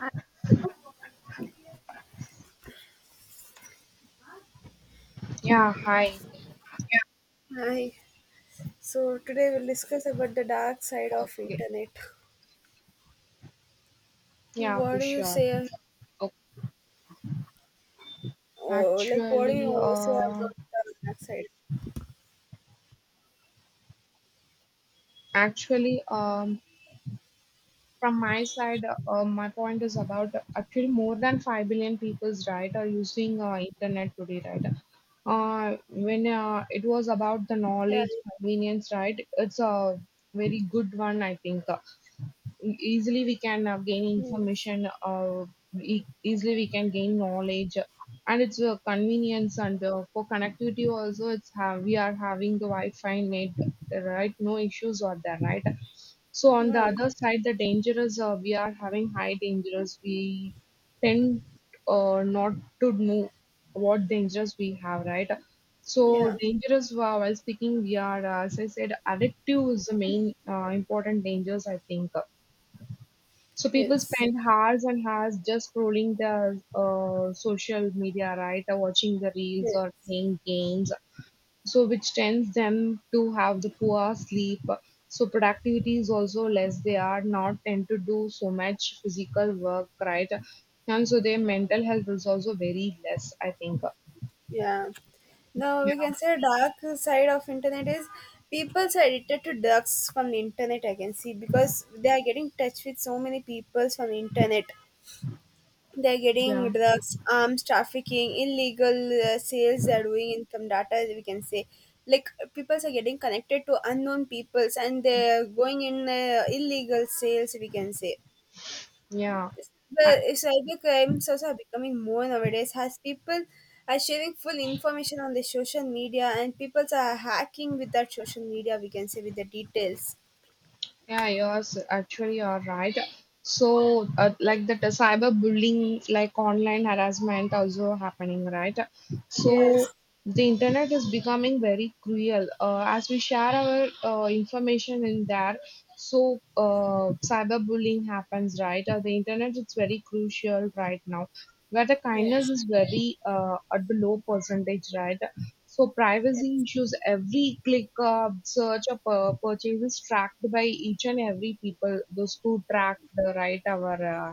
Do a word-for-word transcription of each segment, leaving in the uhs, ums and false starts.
Hi. Yeah, hi. Hi. So today we'll discuss about the dark side of Okay. internet. Yeah, for What do you sure. say? Oh, Oh, like, what do you actually, want to say uh, about the dark side? actually, um, from my side, uh, my point is about uh, actually more than five billion people's right are using uh, internet today, right? Uh, when uh, it was about the Yeah. knowledge convenience, right? It's a very good one, I think. E- easily we can uh, gain Yes. information uh, e- easily we can gain knowledge, and it's a convenience. And uh, for connectivity also, it's have we are having the wi-fi net, right? No issues are there, right? So on the Yeah. other side, the dangerous, uh, we are having high dangerous. We tend, uh, not to know what dangers we have, right? So Yeah. dangerous while while speaking, we are, uh, as I said, addictive is the main uh, important dangers, I think. So people Yes. spend hours and hours just scrolling their uh, social media, right? Or watching the reels or Yes. playing games. So which tends them to have the poor sleep. So productivity is also less. They are not tend to do so much physical work, right? And so their mental health is also very less, I think. Yeah. Now Yeah. we can say dark side of internet is people's are addicted to drugs from the internet. I can see because they are getting touch with so many peoples from internet. They're Yeah. getting drugs, arms trafficking, illegal uh, sales. They're doing income data. We can say, like peoples are getting connected to unknown peoples, and they're going in uh, illegal sales. We can say, Yeah. but I, cyber crimes also are becoming more nowadays. As people are sharing full information on the social media, and people are hacking with that social media. We can say with the details. Yeah, yours actually you're right. So, uh, like that, uh, cyberbullying, like online harassment, also happening, right? So Yes, the internet is becoming very cruel. Uh, as we share our uh, information in there, so uh, cyberbullying happens, right? Uh, the internet is very crucial right now, where the kindness yes, is very, uh, at the low percentage, right? So privacy yes, issues, every click, uh, search or pur- purchase is tracked by each and every people, those who track the right our uh,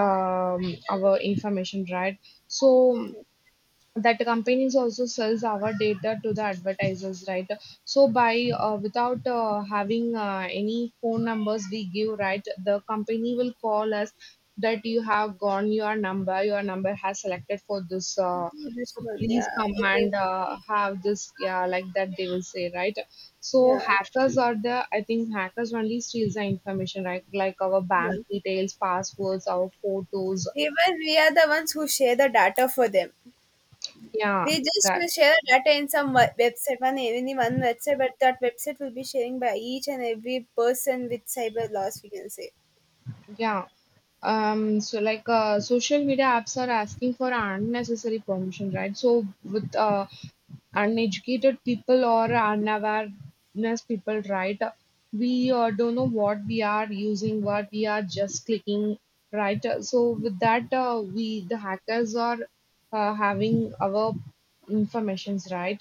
um, our information, right? So yes. that the companies also sells our data to the advertisers, right? So by uh, without uh, having uh, any phone numbers we give, right, the company will call us that you have gone your number, your number has selected for this, uh, This so one, please yeah, come any- and uh, have this, yeah, like that they will say, right? So yeah, hackers are the, I think hackers only steals the information, right, like our bank yeah. details, passwords, our photos. Even we are the ones who share the data for them. Yeah, We just that. will share data in some we- website, one any one website, but that website will be sharing by each and every person with cyber loss. We can say, Yeah. Um, so like uh, social media apps are asking for unnecessary permission, right? So with uh, uneducated people or unawareness people, right? We uh, don't know what we are using, what we are just clicking, right? So with that, uh, we the hackers are uh, having our informations, right?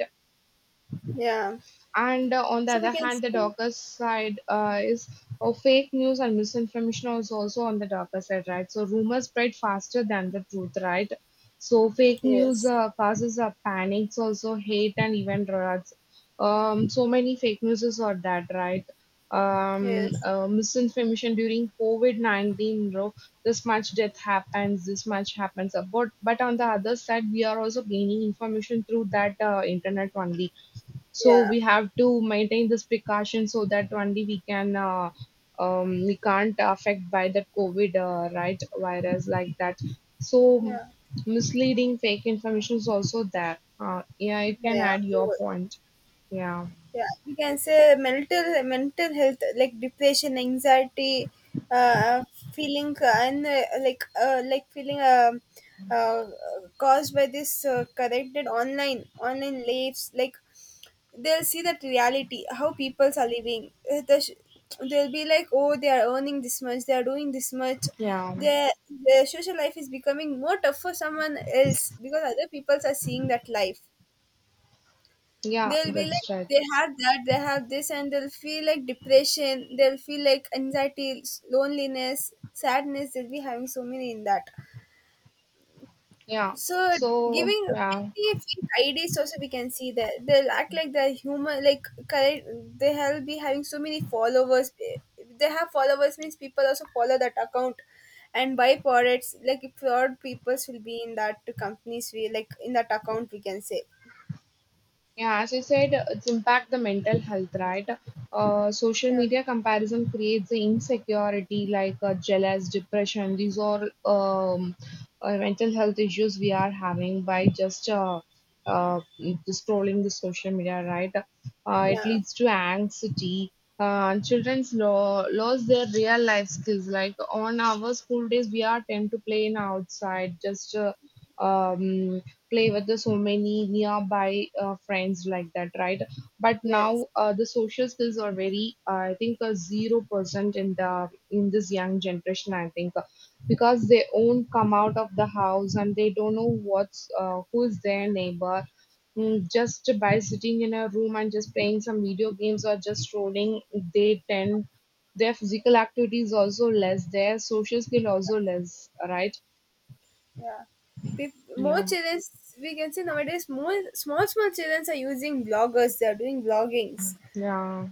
yeah. And uh, on the So we other can hand, the say, darker side uh, is, oh, fake news and misinformation is also on the darker side, right? So rumors spread faster than the truth, right? So fake news yes, uh, causes uh, panics also, hate and even riots. Um, so many fake news are that, right? um, yes, uh, Misinformation during COVID nineteen, bro. This much death happens, this much happens. Uh, But but on the other side, we are also gaining information through that uh, internet only. So yeah, we have to maintain this precaution so that only we can uh, um, we can't affect by the covid uh, right virus, like that. So yeah, misleading fake information is also there, uh, yeah, you can yeah. add your point. Yeah. Yeah, we can say mental mental health like depression, anxiety, uh, uh, feeling uh, and uh, like uh, like feeling um uh, caused by this uh, corrected online online lives. Like, they'll see that reality how peoples are living. Uh, the sh- they'll be like, oh, they are earning this much, they are doing this much. Yeah. Their their social life is becoming more tough for someone else because other peoples are seeing that life. Yeah, They'll be like, that's right. they have that, they have this, and they'll feel like depression, they'll feel like anxiety, loneliness, sadness. They'll be having so many in that. Yeah. So So giving yeah. maybe fake I Ds also we can see that they'll act like they're human, like correct. They'll be having so many followers. They have followers means people also follow that account, and buy products like fraud peoples will be in that companies we like in that account we can say. Yeah, as you said, it's impact the mental health, right? Uh, social Yeah, media comparison creates the insecurity like uh, jealous, depression. These are um, uh, mental health issues we are having by just uh, uh, just scrolling the social media, right? Uh, it yeah, leads to anxiety. Uh, children's lo- lose their real life skills. Like on our school days, we are tend to play in outside, just uh, um, play with the so many nearby uh, friends like that, right? But yes. now uh, the social skills are very, uh, I think, uh, zero percent in the in this young generation. I think, uh, because they won't come out of the house and they don't know what's uh, who's their neighbor. Mm, just by sitting in a room and just playing some video games or just scrolling, they tend their physical activity is also less, their social skill also less, right? Yeah. Peop- more Yeah, children, we can say nowadays, more small, small children are using bloggers. They are doing bloggings, yeah,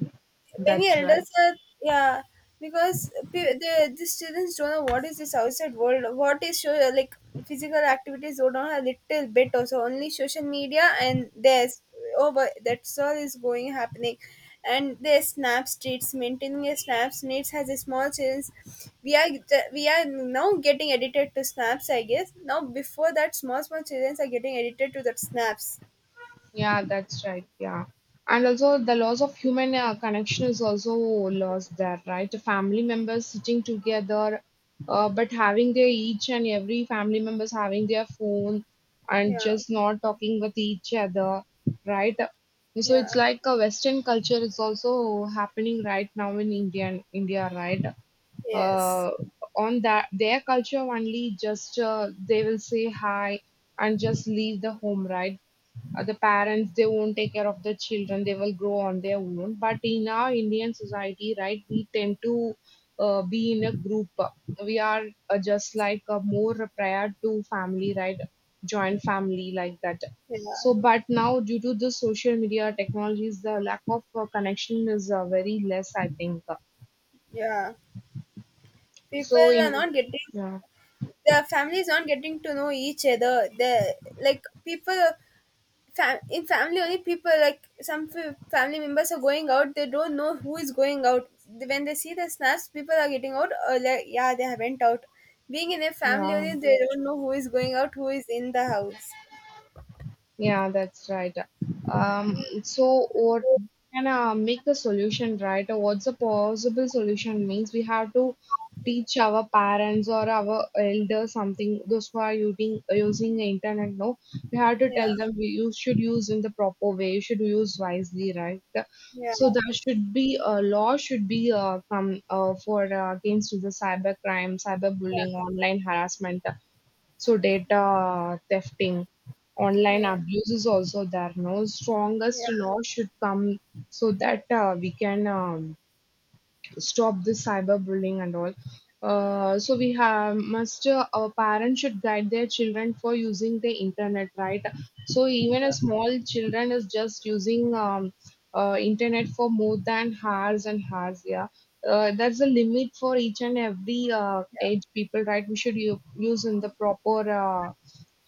many that's right. elders are, yeah, because pe- the these students don't know what is this outside world, what is show, like physical activities, don't know a little bit also, only social media, and there's over, that's all is going happening. And their snap streets, maintaining a snap needs has a small chance. we are we are now getting edited to snaps, I guess. Now before that, small small children are getting edited to that snaps. Yeah, that's right. Yeah. And also, the loss of human uh, connection is also lost there, right? The family members sitting together, uh, but having their each and every family members having their phone and Yeah, just not talking with each other, right? So it's yeah, like a Western culture is also happening right now in India, India, right? yes, Uh, on that their culture only, just uh, they will say hi and just leave the home, right? Uh, the parents, they won't take care of the children, they will grow on their own. But in our Indian society, right, we tend to uh, be in a group. We are uh, just like uh, more prior to family, right? Joint family, like that. yeah, So but now, due to the social media technologies, the lack of uh, connection is uh, very less, I think. yeah. People So are in, not getting, yeah, the families not getting to know each other. The like People, fam- in family only, people like some f- family members are going out, they don't know who is going out. When they see the snaps, people are getting out, or like, yeah, they went out. Being in a family yeah. only, they don't know who is going out, who is in the house. Yeah, that's right. Um, so what can uh, make the solution, right? Or what's a possible solution means we have to teach our parents or our elders something. Those who are using using the internet, no, we have to Yeah, tell them we- you should use in the proper way. You should use wisely, right? So yeah, there should be a law should be uh, come uh, for uh, against to the cyber crime, cyber bullying, yeah, online harassment. So data thefting, online yeah, abuse is also there. No yeah, strongest law should come so that uh, we can um, stop this cyberbullying and all. Uh, so we have must uh, our parents should guide their children for using the internet, right? So even a yeah. small children is just using um, uh, internet for more than hours and hours. Yeah, uh, there's a limit for each and every uh, age people, right? We should u- use in the proper. Uh,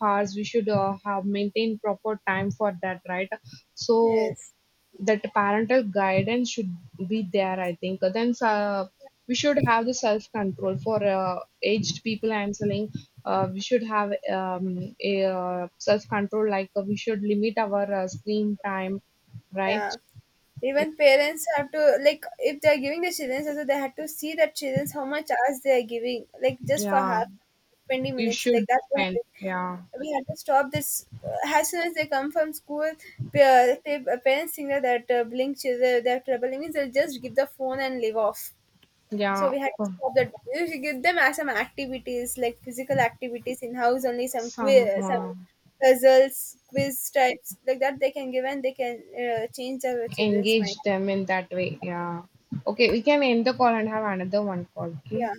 Hours we should uh, have maintained proper time for that, right? So Yes. that parental guidance should be there, I think. Then uh, we should have the self control for uh, aged people, I'm saying. Uh, we should have um, a uh, self control, like uh, we should limit our uh, screen time, right? Yeah. Even parents have to, like, if they're giving the children also, they have to see the children how much hours they are giving. Like, just for Yeah, half, twenty you minutes should like that, we have spend, to, yeah. we have to stop this uh, as soon as they come from school. Pa- pa- parents think that that uh, blink children, they trouble, means they'll just give the phone and leave off. So Yeah, we had to for stop that. We should give them as some activities, like physical activities in house only, some some quiz, some uh, puzzles, quiz types like that they can give, and they can uh, change their children's mind. engage them in that way. Yeah. Okay, we can end the call and have another one call. Okay. Yeah.